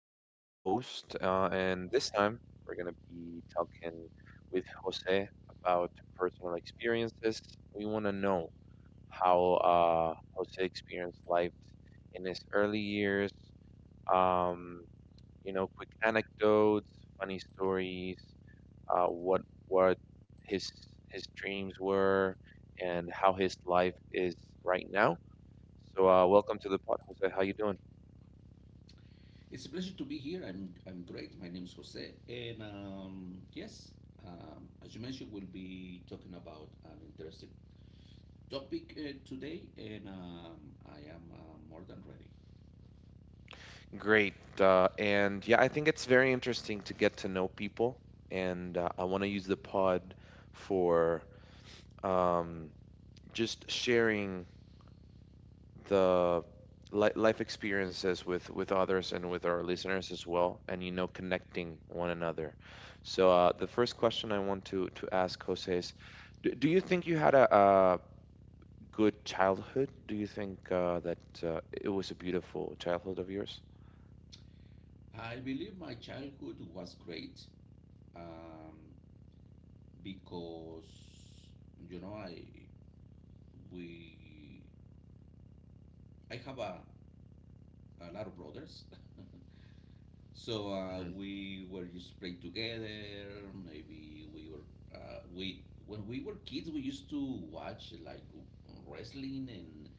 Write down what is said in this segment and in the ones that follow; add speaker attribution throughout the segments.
Speaker 1: Pablo, your host. And this time, we're going to be talking with Jose about personal experiences. We want to know how Jose experienced life in his early years, um, you know, quick anecdotes, funny stories, uh, what what his his dreams were, and how his life is right now. So, welcome to the pod, Jose. How you doing?
Speaker 2: It's a pleasure to be here. I'm great. My name is Jose, and yes, as you mentioned, we'll be talking about an interesting topic today, and I am more than ready.
Speaker 1: Great. And yeah, I think it's very interesting to get to know people. And I want to use the pod for um, just sharing the life experiences with others and with our listeners as well, and connecting one another. So the first question I want to ask Jose is, do you think you had a good childhood? Do you think that it was a beautiful childhood of yours?
Speaker 2: I believe my childhood was great, um, because you know I we I have a lot of brothers. So
Speaker 1: Mm-hmm.
Speaker 2: we were used to play together. Maybe we were we when we were kids we used to watch like wrestling and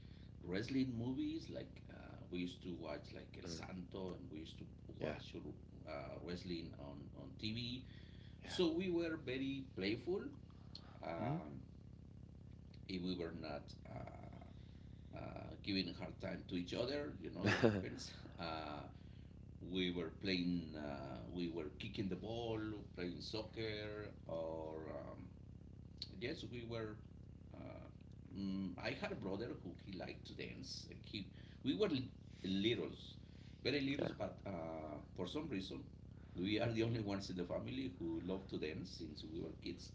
Speaker 2: wrestling movies. Like we used to watch like El Santo and we used to
Speaker 1: Yeah.
Speaker 2: watch uh, wrestling on TV. So we were very playful.
Speaker 1: Yeah.
Speaker 2: Um, if we were not giving a hard time to each other, you know it happens. Uh, we were playing, we were kicking the ball, playing soccer, or yes, we were. I had a brother who he liked to dance, and he we were li- littles, very
Speaker 1: Yeah,
Speaker 2: littles, but for some reason, we are the only ones in the family who love to dance since we were kids.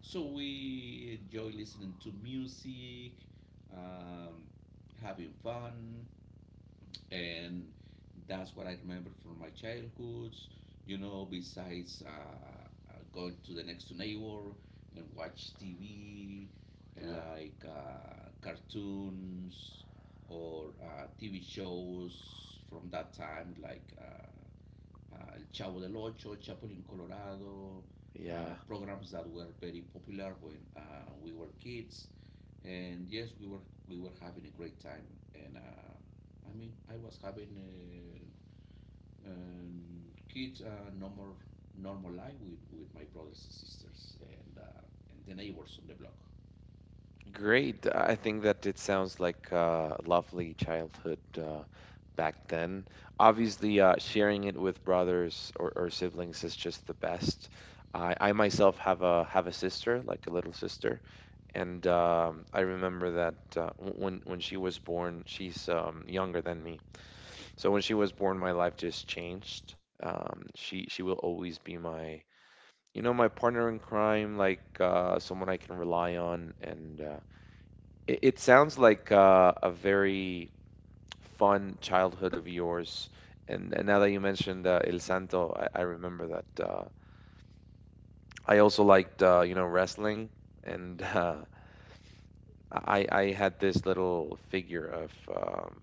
Speaker 2: So we enjoy listening to music, um, having fun, and that's what I remember from my childhoods. You know, besides going to the next neighbor and watch TV,
Speaker 1: yeah,
Speaker 2: like cartoons or TV shows from that time, like El Chavo del Ocho, Chapulín Colorado,
Speaker 1: yeah.
Speaker 2: programs that were very popular when we were kids. And yes, we were having a great time. And I mean, I was having a, um kids normal life with my brothers and sisters and the neighbors on the block.
Speaker 1: Great. I think that it sounds like a lovely childhood back then. Obviously, sharing it with brothers or siblings is just the best. I myself have a sister, like a little sister, and I remember that when she was born. She's younger than me. So when she was born, my life just changed. She will always be my, my partner in crime, like someone I can rely on, and it sounds like a very fun childhood of yours. And now that you mentioned El Santo, I remember that I also liked wrestling. And I had this little figure of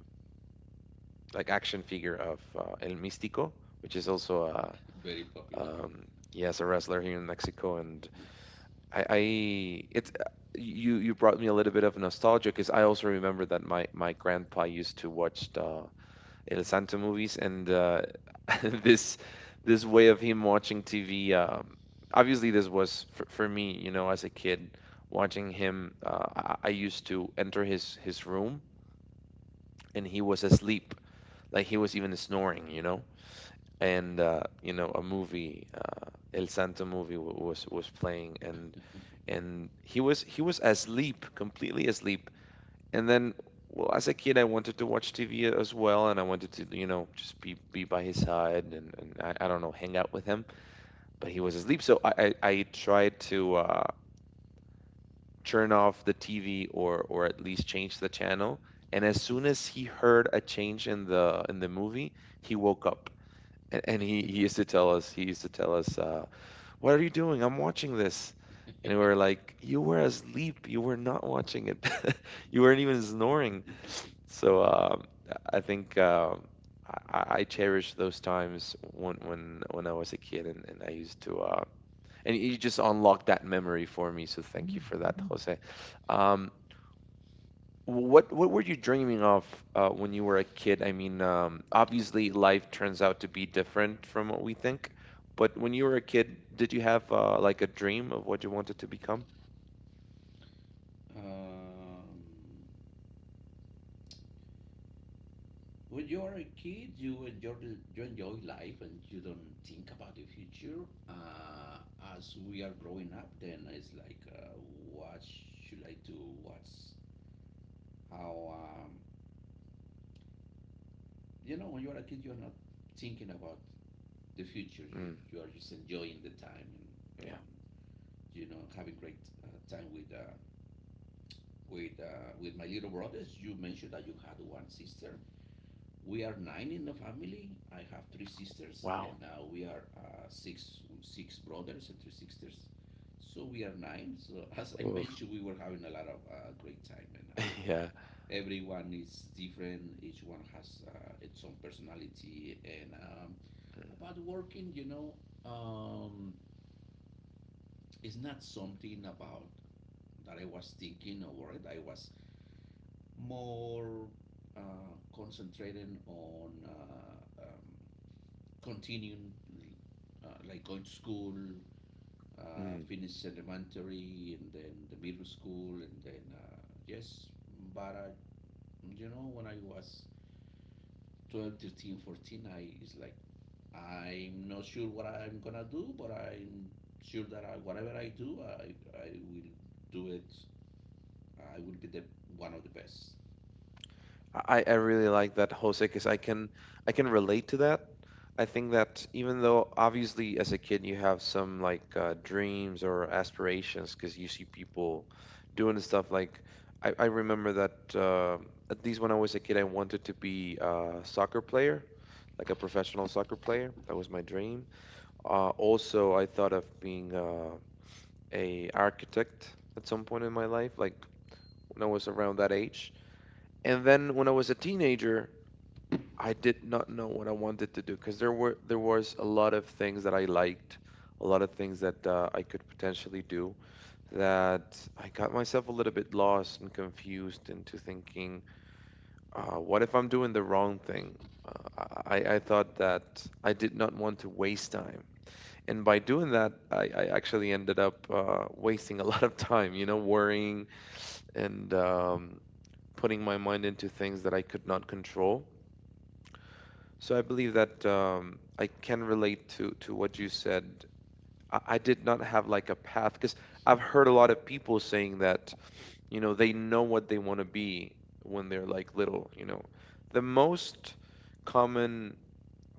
Speaker 1: like action figure of El Místico, which is also a
Speaker 2: Very popular.
Speaker 1: um, yes, a wrestler here in Mexico. And
Speaker 2: Yes.
Speaker 1: I it's you you brought me a little bit of nostalgia, because I also remember that my grandpa used to watch the El Santo movies and this this way of him watching TV. Obviously this was for me, as a kid watching him. I used to enter his room, and he was asleep. Like, he was even snoring, and a movie, El Santo movie was playing. And he was asleep, completely asleep. And then, well, as a kid, I wanted to watch TV as well, and I wanted to, just be by his side, and I don't know, hang out with him. But he was asleep, so I tried to turn off the TV or at least change the channel. And as soon as he heard a change in the movie, he woke up. And he used to tell us, what are you doing? I'm watching this. And we were like, you were asleep. You were not watching it. You weren't even snoring. So I think, I cherish those times when when I was a kid, and I used to and you just unlocked that memory for me. So thank you for that, Jose. Um, what were you dreaming of when you were a kid? I mean, obviously life turns out to be different from what we think, but when you were a kid, did you have like a dream of what you wanted to become?
Speaker 2: Um, when you are a kid, you enjoy life and you don't think about the future. Uh, as we are growing up, then it's like, what should I do? What's how? You know, when you are a kid, you are not thinking about the future.
Speaker 1: Mm,
Speaker 2: You are just enjoying the time
Speaker 1: yeah.
Speaker 2: and you know having great time with my little brothers. You mentioned that you had one sister. We are 9 in the family. I have 3 sisters,
Speaker 1: Wow.
Speaker 2: and we are six brothers and 3 sisters. So we are 9. So as I
Speaker 1: Oof.
Speaker 2: mentioned, we were having a lot of great time, and
Speaker 1: Yeah.
Speaker 2: everyone is different. Each one has its own personality. And about working, you know, um, it's not something about that I was thinking or worried. I was more concentrating on continuing like going to school,
Speaker 1: Mm.
Speaker 2: finish elementary and then the middle school and then yes, but you know when I was 12, 13, 14, I it's like I'm not sure what I'm gonna do, but I'm sure that whatever I do, I will do it. I will be the one of the best.
Speaker 1: I really like that, Jose, because I can relate to that. I think that even though, obviously, as a kid you have some like dreams or aspirations because you see people doing stuff. Like I remember that at least when I was a kid I wanted to be a soccer player, like a professional soccer player. That was my dream. Also, I thought of being a architect at some point in my life, like when I was around that age. And then when I was a teenager, I did not know what I wanted to do because there was a lot of things that I liked, a lot of things that I could potentially do, that I got myself a little bit lost and confused into thinking, what if I'm doing the wrong thing? I thought that I did not want to waste time. And by doing that, I actually ended up wasting a lot of time, worrying and putting my mind into things that I could not control. So I believe that I can relate to what you said. I did not have like a path because I've heard a lot of people saying that, they know what they want to be when they're like little. The most common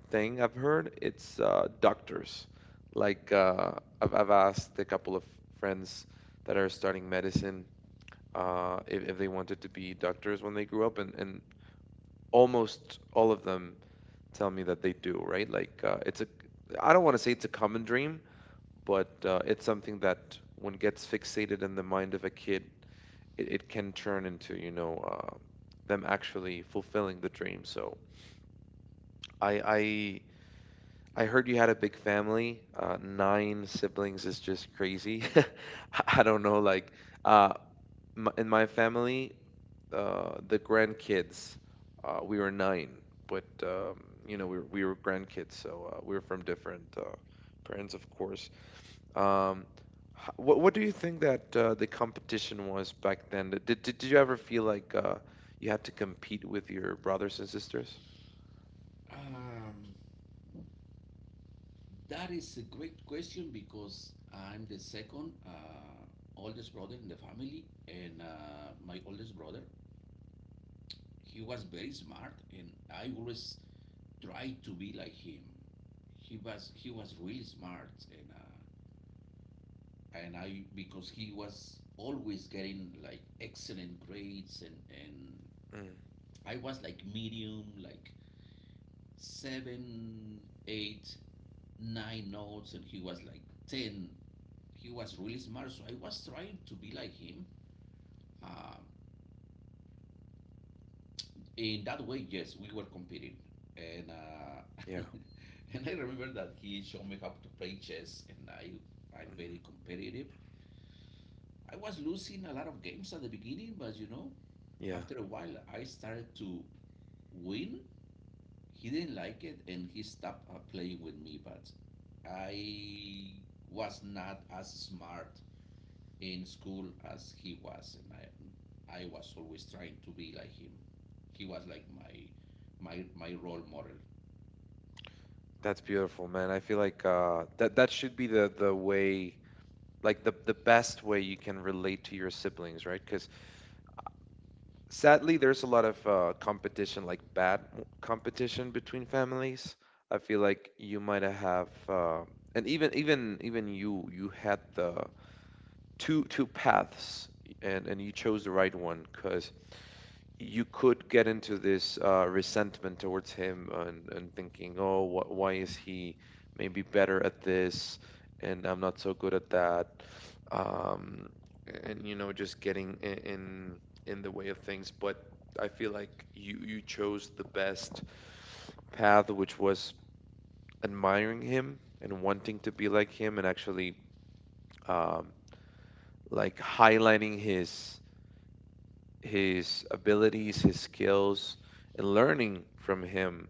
Speaker 1: thing I've heard, it's doctors. Like I've asked a couple of friends that are starting medicine, if they wanted to be doctors when they grew up, and almost all of them tell me that they do, right? Like it's a I don't want to say it's a common dream, but it's something that, when gets fixated in the mind of a kid, it can turn into, them actually fulfilling the dream. So I I I heard you had a big family. Nine siblings is just crazy. I don't know, like uh, m in my family, the grandkids. We were nine, but we were grandkids, so we were from different parents, of course. Um, what do you think that the competition was back then? Did you ever feel like you had to compete with your brothers and sisters?
Speaker 2: Um, That is a great question because I'm the second oldest brother in the family, and my oldest brother, he was very smart, and I always tried to be like him. He was really smart, and I because he was always getting like excellent grades, and
Speaker 1: Mm,
Speaker 2: I was like medium, like 7, 8, 9 notes, and he was like 10, he was really smart. So I was trying to be like him. Uh, in that way, yes, we were competing, and
Speaker 1: yeah,
Speaker 2: and I remember that he showed me how to play chess, and I'm
Speaker 1: mm,
Speaker 2: very competitive. I was losing a lot of games at the beginning, but you know,
Speaker 1: yeah.
Speaker 2: after a while, I started to win. He didn't like it, and he stopped playing with me. But I was not as smart in school as he was, and I was always trying to be like him. He was like my role model.
Speaker 1: That's beautiful, man. I feel like that should be the way, like the best way you can relate to your siblings, right? Because sadly there's a lot of competition, like bad competition between families. I feel like you might have, and even you had the two paths, and you chose the right one, because you could get into this resentment towards him, and thinking, oh, why is he maybe better at this and I'm not so good at that? Um, and just getting in the way of things. But I feel like you chose the best path, which was admiring him and wanting to be like him, and actually um, like highlighting his abilities, his skills, and learning from him,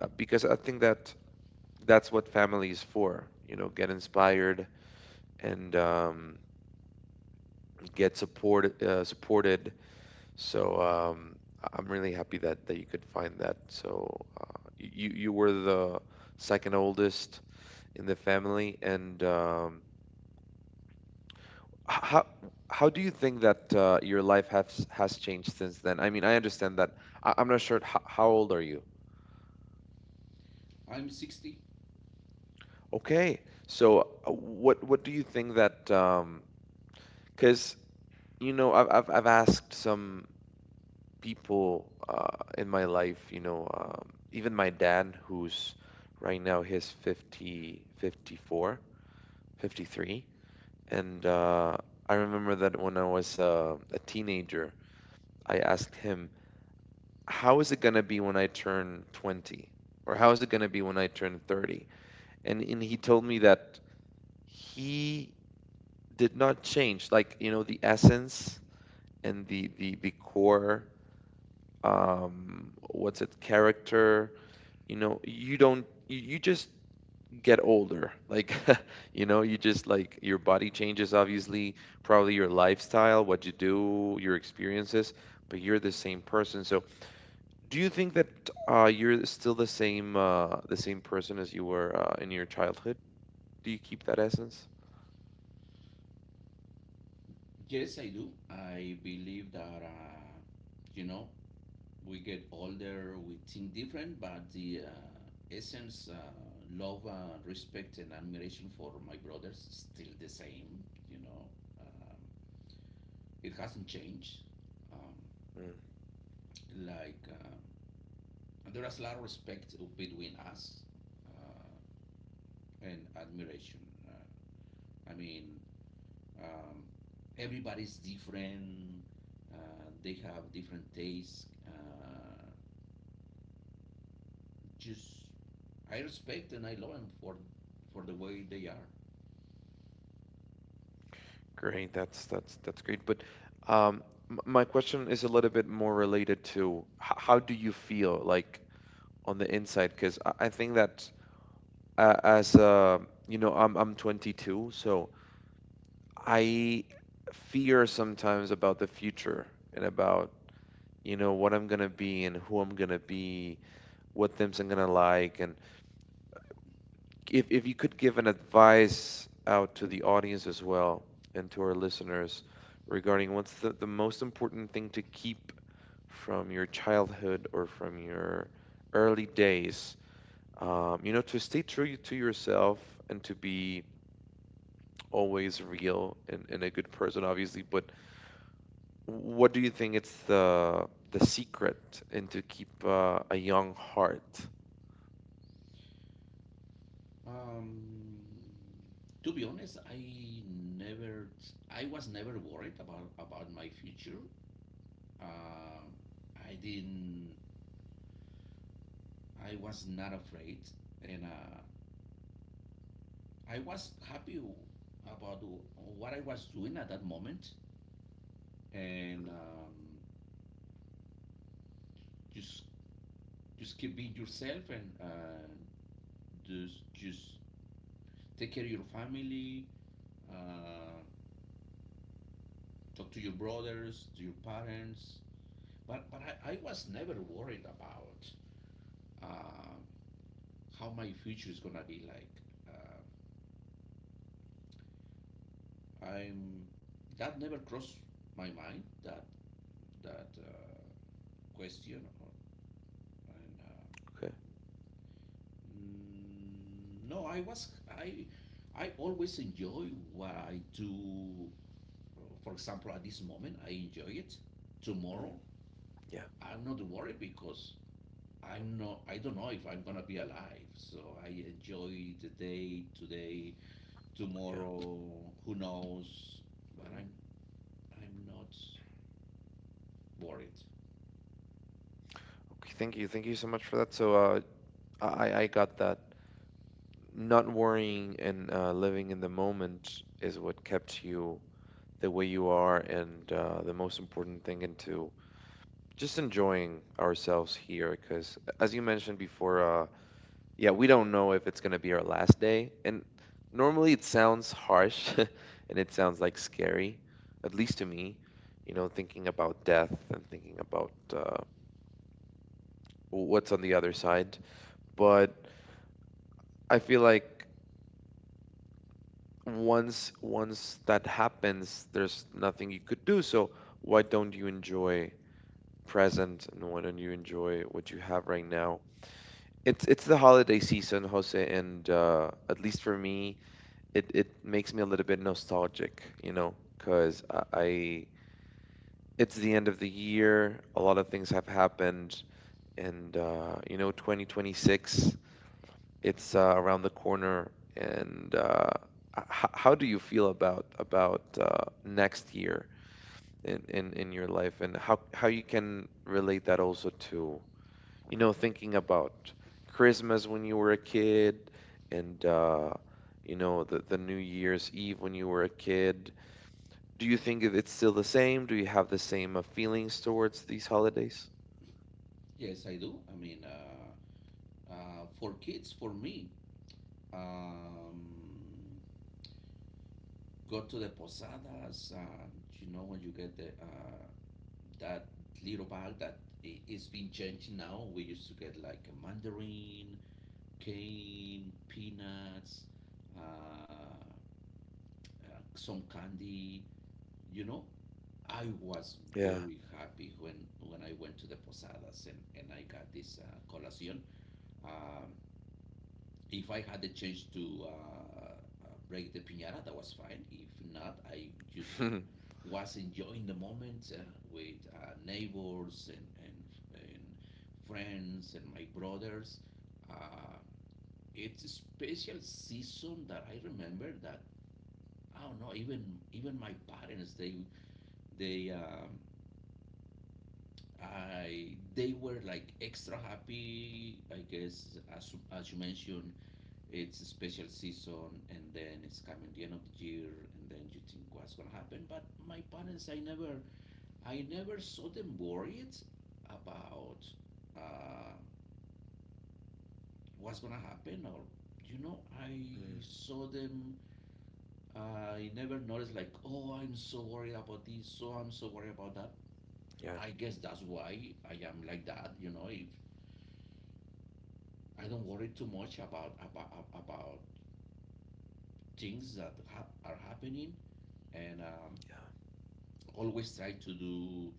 Speaker 1: because I think that that's what family is for. Get inspired, and get supported. So I'm really happy that you could find that. So you were the second oldest in the family, and h- how how do you think that your life has changed since then? I mean, I understand that. I'm not sure. How old are you?
Speaker 2: I'm 60.
Speaker 1: Okay. So what do you think that? Because I've asked some people, in my life, even my dad, who's right now his fifty four, 53. And I remember that when I was a teenager, I asked him, how is it gonna be when I turn 20? Or how is it gonna be when I turn 30? And he told me that he did not change, like, the essence and the core, what's it, character. You don't, you just get older, like, you just, like, your body changes, obviously, probably your lifestyle, what you do, your experiences, but you're the same person. So do you think that you're still the same, the same person as you were, in your childhood? Do you keep that essence?
Speaker 2: Yes, I do. I believe that you know we get older, we think different, but the essence, love, respect, and admiration for my brothers is still the same. You know, um, it hasn't changed. Um,
Speaker 1: Mm,
Speaker 2: like um, there is a lot of respect between us uh, and admiration. Uh, I mean, um, everybody's different. Uh, they have different tastes. Just I respect and I love them for the way they are.
Speaker 1: great. That's great, but um my question is a little bit more related to, how do you feel like on the inside? Because I think that, as you know I'm 22, so I fear sometimes about the future, and about, what I'm gonna be and who I'm gonna be, what things I'm gonna like. And if you could give an advice out to the audience as well and to our listeners, regarding what's the most important thing to keep from your childhood or from your early days, to stay true to yourself and to be always real and a good person, obviously. But what do you think it's the secret and to keep a young heart?
Speaker 2: Um, to be honest, I was never worried about my future. Uh, I didn't, I was not afraid, and I was happy about what I was doing at that moment, and just just keep being yourself and just take care of your family, uh, talk to your brothers, to your parents. But I was never worried about uh, how my future is gonna be like. Uh, I'm that never crossed my mind, that that question, or, and
Speaker 1: Okay.
Speaker 2: mm, no, I always enjoy what I do. For example, at this moment, I enjoy it.
Speaker 1: Mm,
Speaker 2: Tomorrow,
Speaker 1: yeah.
Speaker 2: I'm not worried because I'm not. I don't know if I'm gonna be alive. So I enjoy the day today.
Speaker 1: Yeah.
Speaker 2: Tomorrow, who knows? But
Speaker 1: Hmm.
Speaker 2: I'm not worried.
Speaker 1: Okay. Thank you. Thank you so much for that. So I got that. Not worrying and living in the moment is what kept you the way you are, and the most important thing into just enjoying ourselves here, because as you mentioned before, yeah, we don't know if it's going to be our last day. And normally it sounds harsh and it sounds like scary, at least to me, you know, thinking about death and thinking about what's on the other side. But I feel like once that happens, there's nothing you could do, so why don't you enjoy present and why don't you enjoy what you have right now. It's the holiday season, Jose, and at least for me, it makes me a little bit nostalgic, you know, because I it's the end of the year, a lot of things have happened, and you know, 2026, it's around the corner, and how do you feel about next year in your life, and how you can relate that also to, you know, thinking about Christmas when you were a kid, and you know, the New Year's Eve when you were a kid. Do you think it's still the same? Do you have the same feelings towards these holidays?
Speaker 2: Yes, I do. I mean, for kids, for me, um, go to the posadas. You know when you get the that little bag that it's been changed now. We used to get like a mandarin, cane, peanuts, uh, some candy. You know, I was
Speaker 1: Yeah.
Speaker 2: very happy when I went to the posadas and I got this colación. Um, if I had the chance to break the piñata, that was fine. If not, I just was enjoying the moment with neighbors and, and friends and my brothers. Uh, it's a special season that I remember, that I don't know, even even my parents they I they were like extra happy, I guess. As you mentioned, it's a special season, and then it's coming the end of the year, and then you think what's gonna happen. But my parents, I never saw them worried about uh, what's gonna happen, or you know, I
Speaker 1: Mm,
Speaker 2: saw them. I never noticed like, oh, I'm so worried about this, so I'm so worried about that.
Speaker 1: yeah.
Speaker 2: I guess that's why I am like that. You know, if I don't worry too much about about things that are happening, and always try to do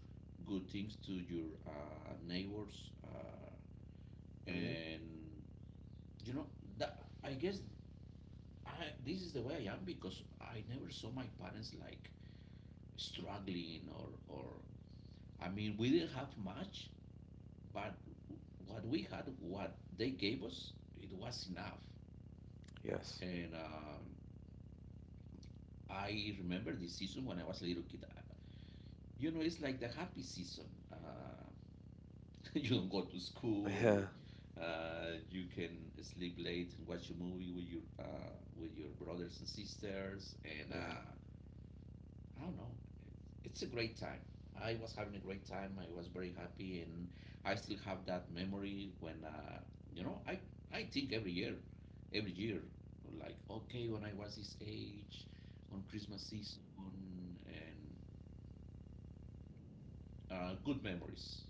Speaker 2: good things to your neighbors,
Speaker 1: Mhm.
Speaker 2: and you know, that I guess this is the way I am, because I never saw my parents like struggling or I mean, we didn't have much, but what we had, what they gave us, it was enough.
Speaker 1: Yes.
Speaker 2: And I remember this season when I was a little kid. You know, it's like the happy season. You don't go to school.
Speaker 1: Yeah.
Speaker 2: You can sleep late and watch a movie with your brothers and sisters, and
Speaker 1: Yeah.
Speaker 2: I don't know. It's a great time. I was having a great time. I was very happy, and I still have that memory when you know I think every year, like okay, when I was this age, on Christmas season, and good memories.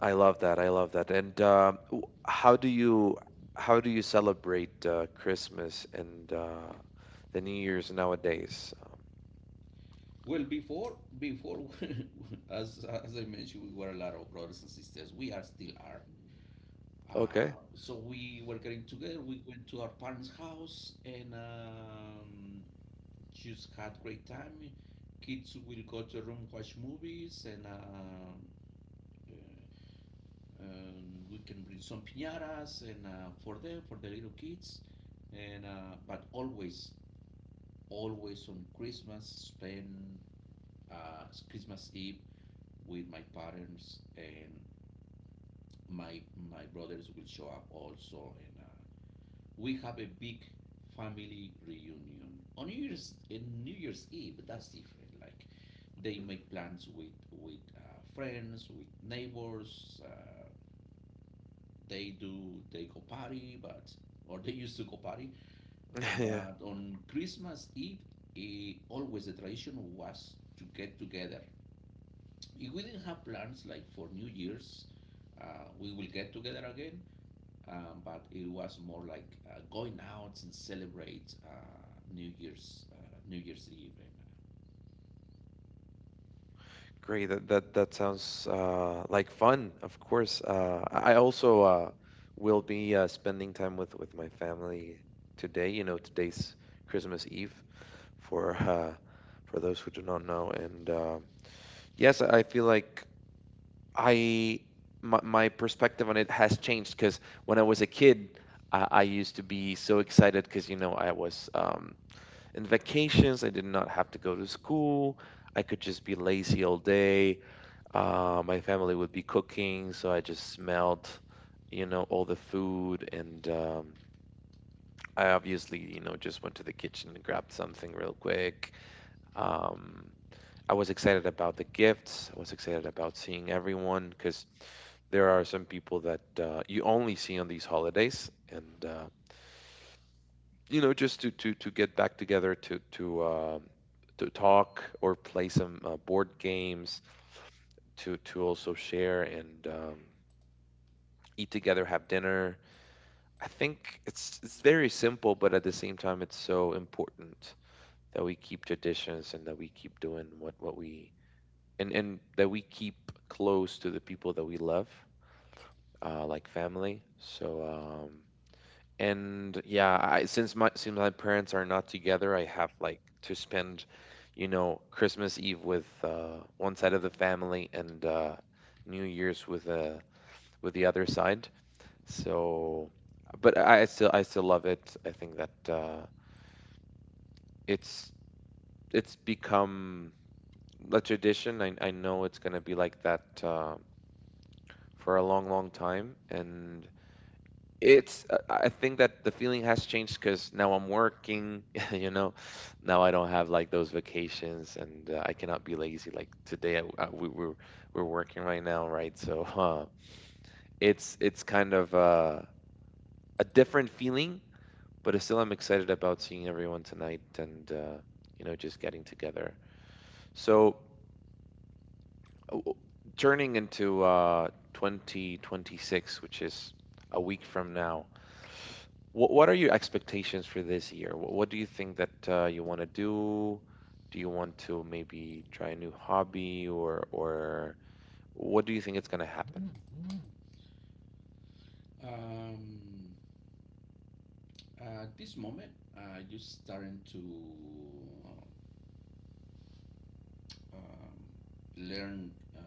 Speaker 1: I love that. I love that. And how do you, how do you celebrate Christmas and the New Year's nowadays?
Speaker 2: Well, before as I mentioned, we were a lot of brothers and sisters. We are still are.
Speaker 1: Okay.
Speaker 2: So we were getting together. We went to our parents' house, and just had great time. Kids will go to the room watch movies, and uh, we can bring some piñatas and for the little kids. And but always, always on Christmas, spend Christmas Eve with my parents and my my brothers will show up also. And. We have a big family reunion on New Year's Eve. But that's different. Like they
Speaker 1: Mm.
Speaker 2: make plans with friends, with neighbors. They go party, but or they used to go party.
Speaker 1: Yeah.
Speaker 2: But on Christmas Eve, eh, always the tradition was to get together. If we didn't have plans like for New Year's, we will get together again, but it was more like going out and celebrate New Year's Eve.
Speaker 1: Great. That sounds like fun. Of course, I also will be spending time with my family today. You know, today's Christmas Eve for for those who do not know. And yes, I feel like I my perspective on it has changed because when I was a kid, I used to be so excited because, you know, I was in vacations. I did not have to go to school. I could just be lazy all day. My family would be cooking, so I just smelled, you know, all the food, and I obviously, you know, just went to the kitchen and grabbed something real quick. Um, I was excited about the gifts. I was excited about seeing everyone because there are some people that you only see on these holidays, and you know, just to get back together, to to talk or play some board games, to also share and eat together, have dinner. I think it's very simple, but at the same time, it's so important that we keep traditions and that we keep doing what we and that we keep close to the people that we love, like family. So and yeah, I since my parents are not together, I have like to spend, you know, Christmas Eve with one side of the family and New Year's with the other side. So, but I still love it. I think that it's it's become a tradition. I know it's gonna be like that for a long, long time, and it's I think that the feeling has changed because now I'm working, you know. Now I don't have like those vacations, and I cannot be lazy. Like today, we're working right now, right? So it's kind of a different feeling, but I still, I'm excited about seeing everyone tonight and you know, just getting together. So o- turning into 2026, which is a week from now, what are your expectations for this year? What do you think that you want to do? Do you want to maybe try a new hobby, or what do you think it's going to happen?
Speaker 2: And, at this moment, you starting to um, learn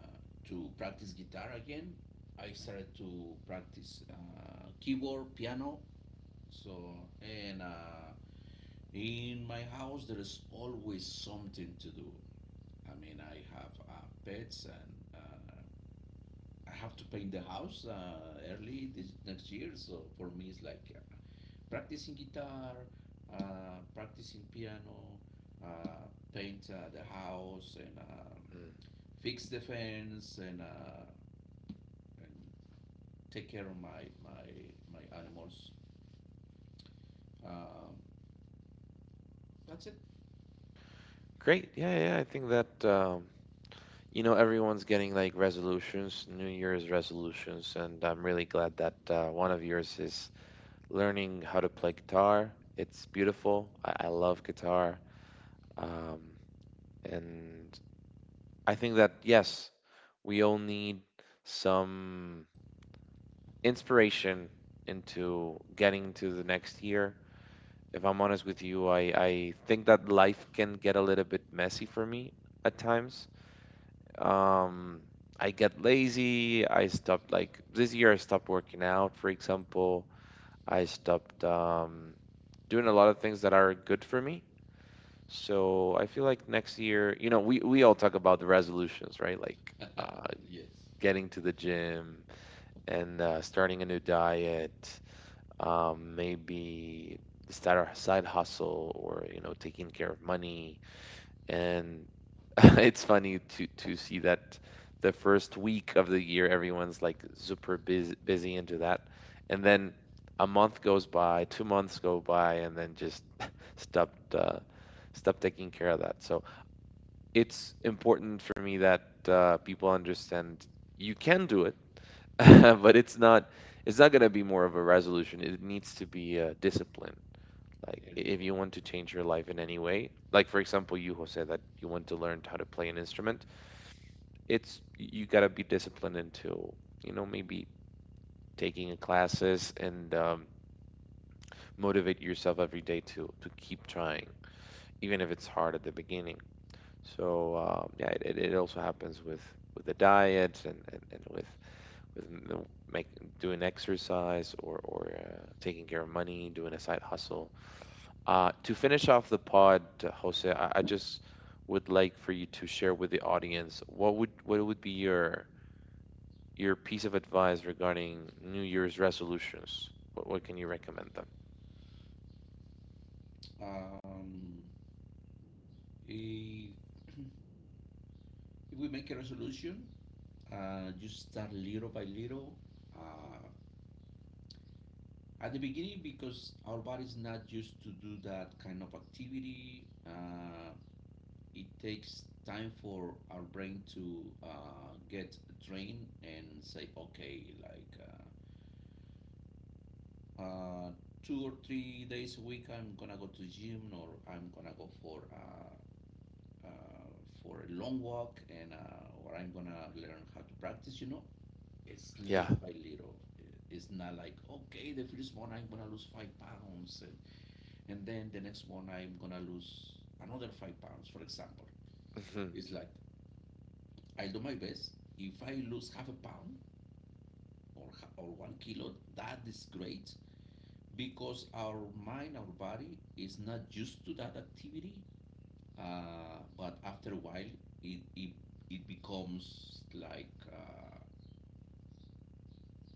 Speaker 2: to practice guitar again. I started to practice keyboard, piano. So and in my house, there is always something to do. I mean, I have pets and uh, I have to paint the house early this next year. So for me, it's like practicing guitar, practicing piano, uh, paint the house, and
Speaker 1: Mm.
Speaker 2: fix the fence, and, and take care of my animals. Um, that's it.
Speaker 1: Great. Yeah, yeah. I think that you know, everyone's getting like resolutions, New Year's resolutions, and I'm really glad that one of yours is learning how to play guitar. It's beautiful. I love guitar. Um, and I think that, yes, we all need some inspiration into getting into the next year. If I'm honest with you, I think that life can get a little bit messy for me at times. Um, I get lazy. I stopped, like, this year I stopped working out, for example. I stopped, um, doing a lot of things that are good for me. So I feel like next year, you know, we all talk about the resolutions, right? Like, uh,
Speaker 2: Yes,
Speaker 1: getting to the gym and starting a new diet, um, maybe start a side hustle, or, you know, taking care of money, and it's funny to see that the first week of the year everyone's like super busy into that, and then a month goes by, 2 months go by, and then just stopped uh, stop taking care of that. So it's important for me that people understand you can do it, but it's not, it's not going to be more of a resolution, it needs to be a discipline. Like
Speaker 2: there you
Speaker 1: if
Speaker 2: go.
Speaker 1: you want to change your life in any way, like for example, you, Jose, that you want to learn how to play an instrument, it's you gotta be disciplined into, you know, maybe taking classes and motivate yourself every day to keep trying, even if it's hard at the beginning. So yeah, it also happens with the diet and with m- the, make, doing exercise, or taking care of money, doing a side hustle. To finish off the pod, Jose, I just would like for you to share with the audience what would, what would be your piece of advice regarding New Year's resolutions. What can you recommend them?
Speaker 2: Um, i- if we make a resolution, just start little by little. Uh, At the beginning, because our body is not used to do that kind of activity, it takes time for our brain to get trained and say, okay, like uh, uh, 2 or 3 days a week, I'm gonna go to the gym or I'm gonna go uh, for a long walk, and or I'm gonna learn how to practice. You know, it's
Speaker 1: Yeah.
Speaker 2: little by little. It's not like okay, the first one I'm gonna lose 5 pounds, and then the next one I'm gonna lose another 5 pounds, for example.
Speaker 1: Hmm.
Speaker 2: It's like I do my best. If I lose half a pound or or 1 kilo, that is great because our mind, our body is not used to that activity. But after a while, it it, it becomes like uh,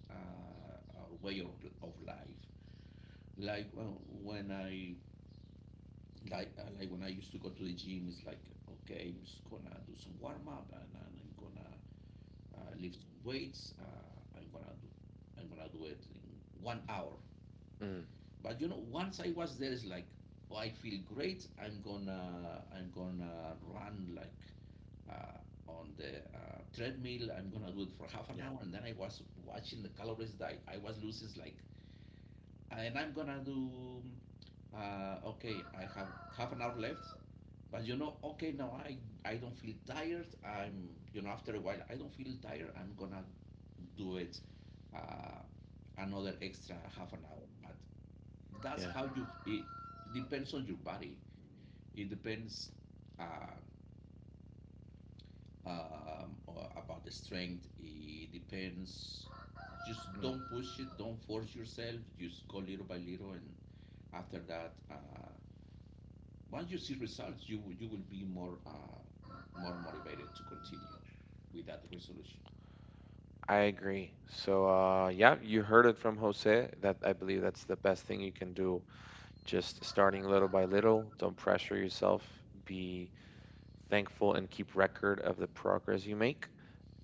Speaker 2: uh, our way of life. Like well, when I like when I used to go to the gym, it's like okay, I'm just gonna do some warm up, and I'm gonna lift weights. I'm gonna do it in 1 hour.
Speaker 1: Mm.
Speaker 2: But you know, once I was there, it's like oh, I feel great. I'm gonna run like uh, on the treadmill. I'm gonna do it for half an
Speaker 1: Yeah.
Speaker 2: hour, and then I was watching the calories that I was losing. It's like and I'm gonna do. Okay, I have 1/2 hour left, but you know okay, now I don't feel tired, I'm, you know, after a while, I don't feel tired, I'm gonna do it uh, another extra 1/2 hour, but that's
Speaker 1: Yeah.
Speaker 2: how you it depends on your body, it depends uh, about the strength, it depends, just
Speaker 1: Mm.
Speaker 2: don't push it, don't force yourself, just go little by little, and after that once you see results, you will be more more motivated to continue with that resolution.
Speaker 1: I agree. So yeah, you heard it from Jose that I believe that's the best thing you can do. Just starting little by little. Don't pressure yourself. Be thankful and keep record of the progress you make.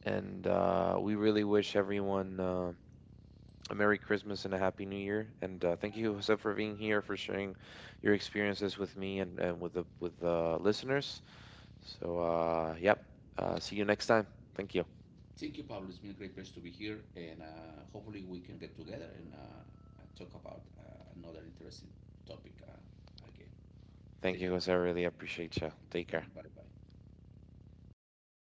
Speaker 1: And we really wish everyone a Merry Christmas and a Happy New Year. And thank you, Jose, for being here, for sharing your experiences with me and with the listeners. So, yep. See you next time. Thank you.
Speaker 2: Thank you, Pablo. It's been a great pleasure to be here, and hopefully we can get together and talk about another interesting topic again.
Speaker 1: Thank
Speaker 2: Take
Speaker 1: you,
Speaker 2: care.
Speaker 1: Jose. I really appreciate you. Take care.
Speaker 2: Bye bye.